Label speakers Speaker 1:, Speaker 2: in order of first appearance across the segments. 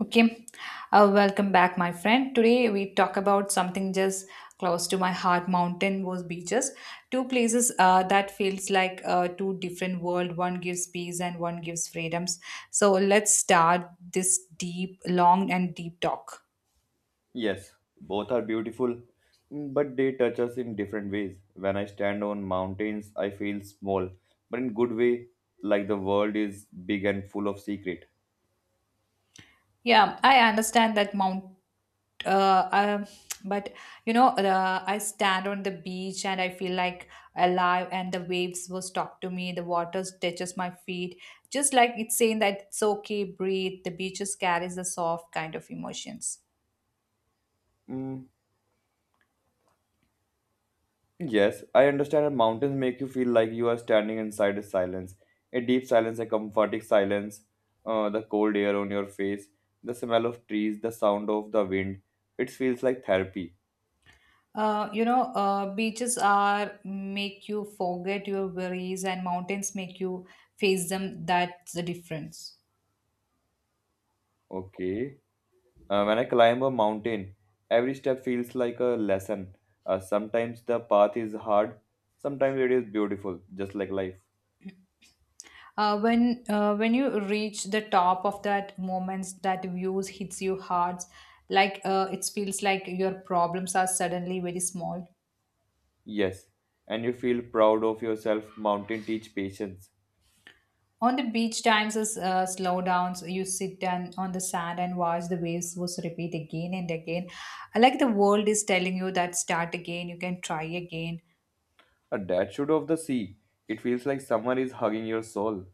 Speaker 1: Okay, welcome back, my friend. Today we talk about something just close to my heart. Mountain was beaches, two places that feels like two different world. One gives peace and one gives freedoms. So let's start this deep, long, and deep talk.
Speaker 2: Yes, both are beautiful, but they touch us in different ways. When I stand on mountains, I feel small, but in good way, like the world is big and full of secret.
Speaker 1: Yeah, I understand that Mount. Uh, um, but I stand on the beach and I feel like alive, and the waves will talk to me. The water touches my feet, just like it's saying that it's okay, breathe. The beaches carries a soft kind of emotions.
Speaker 2: Mm, yes, I understand that mountains make you feel like you are standing inside a silence, a deep silence, a comforting silence, the cold air on your face, the smell of trees, the sound of the wind. It feels like therapy.
Speaker 1: Beaches are make you forget your worries, and mountains make you face them. That's the difference.
Speaker 2: Okay. When I climb a mountain, every step feels like a lesson. Sometimes the path is hard, sometimes it is beautiful, just like life.
Speaker 1: When you reach the top of that moments that views hits you hard, it feels like your problems are suddenly very small.
Speaker 2: Yes, and you feel proud of yourself. Mountain teach patience.
Speaker 1: On the beach, times is slow downs. You sit down on the sand and watch the waves was repeat again and again. I Like the world is telling you that start again, you can try again.
Speaker 2: A dad should of the sea. It feels like someone is hugging your soul.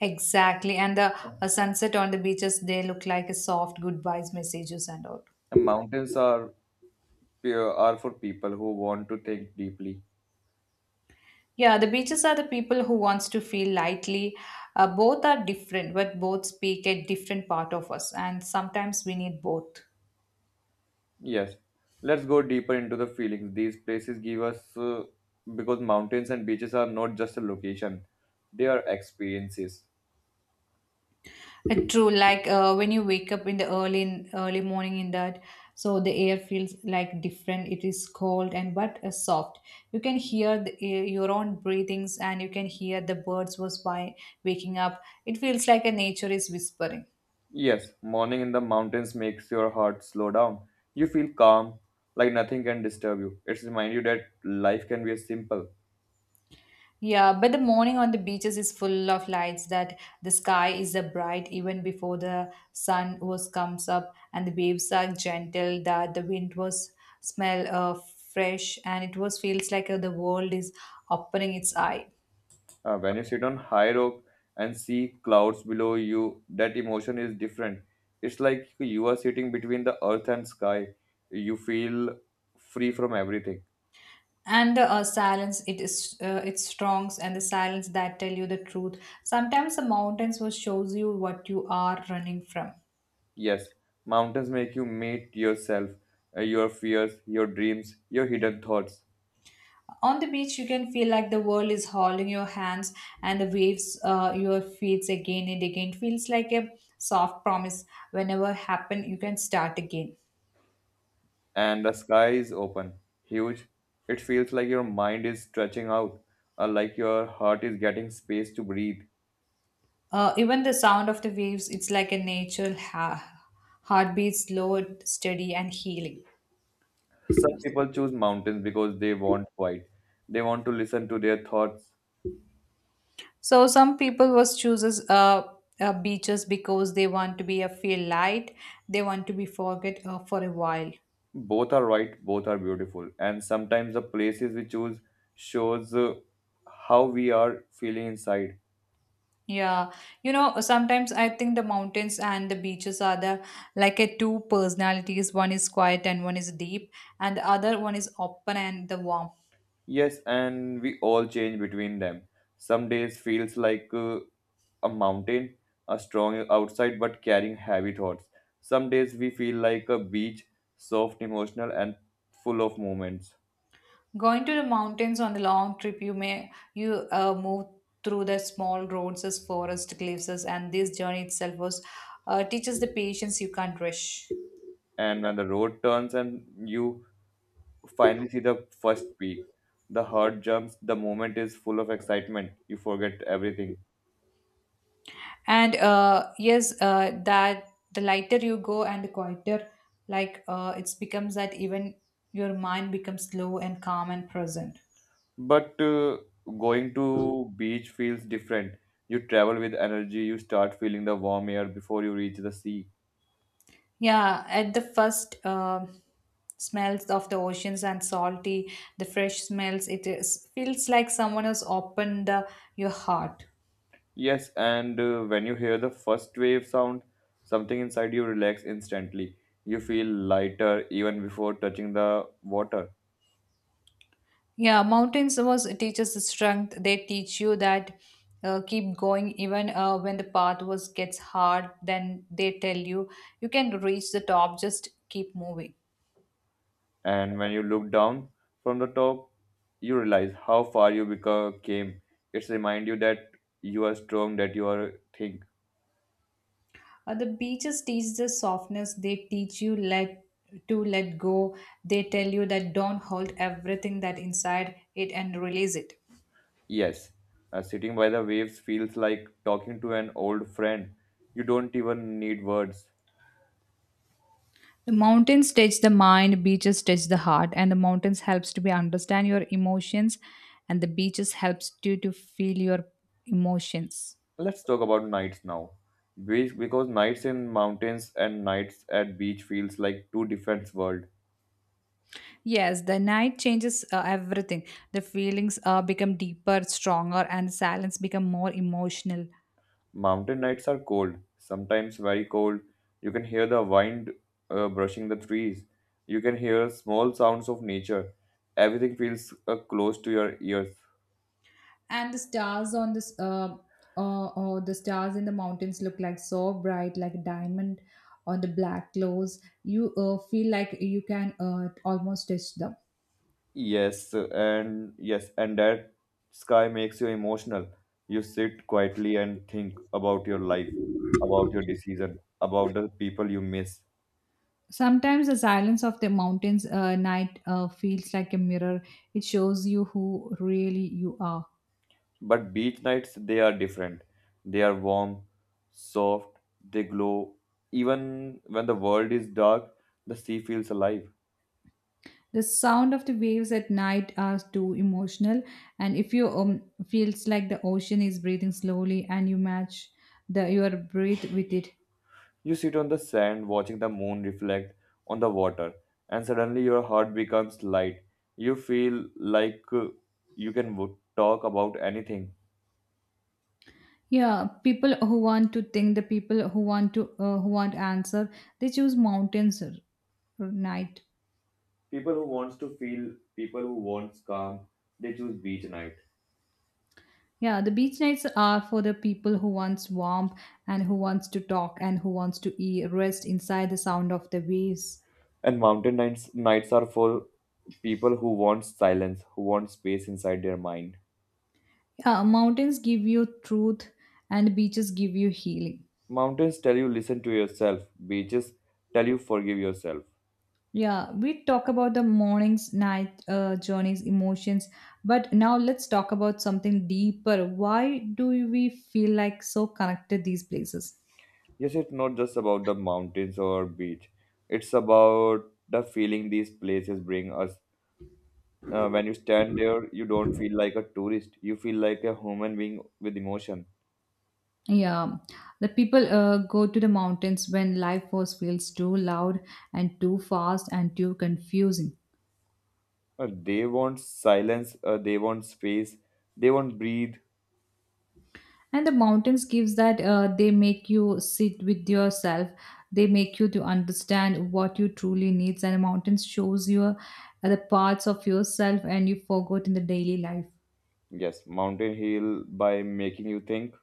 Speaker 1: Exactly, and the sunset on the beaches they look like a soft goodbyes messages and all.
Speaker 2: And mountains are pure, are for people who want to think deeply.
Speaker 1: Yeah, the beaches are the people who wants to feel lightly. Both are different, but both speak a different part of us, and sometimes we need both.
Speaker 2: Yes, let's go deeper into the feelings these places give us, because mountains and beaches are not just a location; they are experiences.
Speaker 1: True, when you wake up in the early early morning in that, so the air feels like different. It is cold and but soft. You can hear your own breathings, and you can hear the birds was by waking up. It feels like a nature is whispering.
Speaker 2: Yes, morning in the mountains makes your heart slow down. You feel calm, like nothing can disturb you. It's remind you that life can be simple.
Speaker 1: Yeah, but the morning on the beaches is full of lights that the sky is a bright even before the sun was comes up and the waves are gentle that the wind was smell fresh and it was feels like the world is opening its eye.
Speaker 2: When you sit on high rock and see clouds below you, that emotion is different. It's like you are sitting between the earth and sky. You feel free from everything.
Speaker 1: And the silence, it's strong and the silence that tell you the truth. Sometimes the mountains will shows you what you are running from.
Speaker 2: Yes, mountains make you meet yourself, your fears, your dreams, your hidden thoughts.
Speaker 1: On the beach, you can feel like the world is holding your hands and the waves, your feet again and again. It feels like a soft promise. Whenever happen, you can start again.
Speaker 2: And the sky is open, huge. It feels like your mind is stretching out, like your heart is getting space to breathe.
Speaker 1: Even the sound of the waves, it's like a natural heartbeat, slow, steady, and healing.
Speaker 2: Some people choose mountains because they want quiet. They want to listen to their thoughts.
Speaker 1: So some people was chooses beaches because they want to be a feel light. They want to be forget for a while.
Speaker 2: Both are right, both are beautiful. And sometimes the places we choose shows how we are feeling inside.
Speaker 1: Yeah, you know, sometimes I think the mountains and the beaches are the like a two personalities. One is quiet and one is deep, and the other one is open and the warm.
Speaker 2: Yes, and we all change between them. Some days feels like a mountain, a strong outside but carrying heavy thoughts. Some days we feel like a beach, soft, emotional, and full of moments.
Speaker 1: Going to the mountains on the long trip, you move through the small roads, as forest cliffs, and this journey itself was teaches the patience you can't rush.
Speaker 2: And when the road turns and you finally see the first peak, the heart jumps, the moment is full of excitement. You forget everything.
Speaker 1: And yes, that the lighter you go and the quieter, it becomes that even your mind becomes slow and calm and present.
Speaker 2: But going to beach feels different. You travel with energy, you start feeling the warm air before you reach the sea.
Speaker 1: Yeah, at the first smells of the oceans and salty, the fresh smells, it is, feels like someone has opened the, your heart.
Speaker 2: Yes, and when you hear the first wave sound, something inside you relax instantly. You feel lighter even before touching the water.
Speaker 1: Yeah, mountains was teaches the strength. They teach you that keep going even when the path was gets hard. Then they tell you you can reach the top. Just keep moving.
Speaker 2: And when you look down from the top, you realize how far you become came. It's remind you that you are strong, that you are think.
Speaker 1: The beaches teach the softness. They teach you let to let go. They tell you that don't hold everything that inside it and release it.
Speaker 2: Yes, sitting by the waves feels like talking to an old friend. You don't even need words.
Speaker 1: The mountains touch the mind, beaches touch the heart, and the mountains helps to be understand your emotions, and the beaches helps you to feel your emotions.
Speaker 2: Let's talk about nights now. Because nights in mountains and nights at beach feels like two different worlds.
Speaker 1: Yes, the night changes everything. The feelings become deeper, stronger, and the silence become more emotional.
Speaker 2: Mountain nights are cold, sometimes very cold. You can hear the wind brushing the trees. You can hear small sounds of nature. Everything feels close to your ears.
Speaker 1: And the stars in the mountains look like so bright, like a diamond on the black clothes. You feel like you can almost touch them.
Speaker 2: Yes, and that sky makes you emotional. You sit quietly and think about your life, about your decision, about the people you miss.
Speaker 1: Sometimes the silence of the mountains night feels like a mirror. It shows you who really you are.
Speaker 2: But beach nights, they are different. They are warm, soft, they glow. Even when the world is dark, the sea feels alive.
Speaker 1: The sound of the waves at night are too emotional, and if you feels like the ocean is breathing slowly, and you match the your breath with it.
Speaker 2: You sit on the sand watching the moon reflect on the water, and suddenly your heart becomes light. You feel like you can talk about anything.
Speaker 1: Yeah, people who want to think, the people who want to who want answer, they choose mountains or night.
Speaker 2: People who wants to feel, people who wants calm, they choose beach night.
Speaker 1: Yeah, the beach nights are for the people who wants warmth and who wants to talk and who wants to eat, rest inside the sound of the waves.
Speaker 2: And mountain nights are for people who want silence, who want space inside their mind.
Speaker 1: Yeah, mountains give you truth and beaches give you healing.
Speaker 2: Mountains tell you listen to yourself, beaches tell you forgive yourself.
Speaker 1: Yeah, we talk about the mornings, night journeys, emotions, but now let's talk about something deeper. Why do we feel like so connected these places?
Speaker 2: Yes, it's not just about the mountains or beach, it's about the feeling these places bring us. When you stand there, you don't feel like a tourist, you feel like a human being with emotion.
Speaker 1: Yeah, the people go to the mountains when life force feels too loud and too fast and too confusing
Speaker 2: They want silence, they want space, they want breathe.
Speaker 1: and the mountains gives that they make you sit with yourself they make you to understand what you truly needs and mountains shows you the parts of yourself and you forgot in the daily life
Speaker 2: Yes, mountain heal by making you think.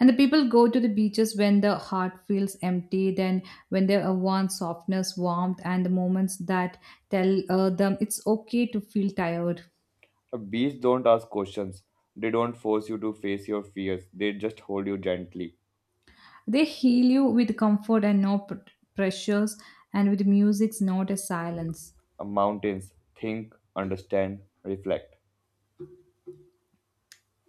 Speaker 1: and the people go to the beaches when the heart feels empty then when they want softness warmth and the moments that tell them it's okay to feel tired
Speaker 2: A beach don't ask questions. They don't force you to face your fears. They just hold you gently.
Speaker 1: they heal you with comfort and no pressures and with music's not a silence.
Speaker 2: Mountains think understand reflect.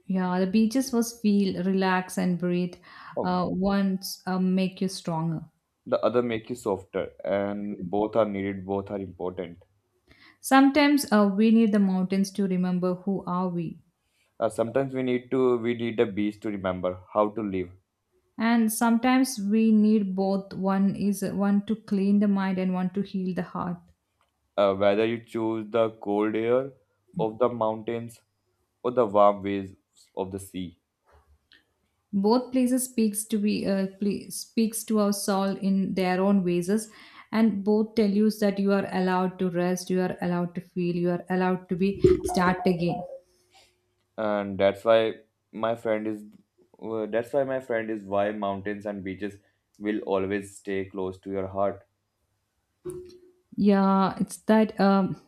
Speaker 1: Yeah, the beaches was feel, relax, and breathe.
Speaker 2: Oh,
Speaker 1: Once make you stronger.
Speaker 2: the other make you softer, and both are needed, both are important.
Speaker 1: Sometimes we need the mountains to remember who are we,
Speaker 2: Sometimes we need the beach to remember how to live.
Speaker 1: and sometimes we need both. One is one to clean the mind and one to heal the heart.
Speaker 2: Whether you choose the cold air of the mountains or the warm waves of the sea,
Speaker 1: Both places speaks to be speaks to our soul in their own ways, and both tell you that you are allowed to rest, you are allowed to feel, you are allowed to be start again.
Speaker 2: and my friend is that's why my friend is why mountains and beaches will always stay close to your heart.
Speaker 1: Yeah, it's that.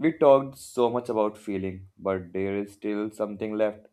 Speaker 2: We talked so much about feeling, but there is still something left,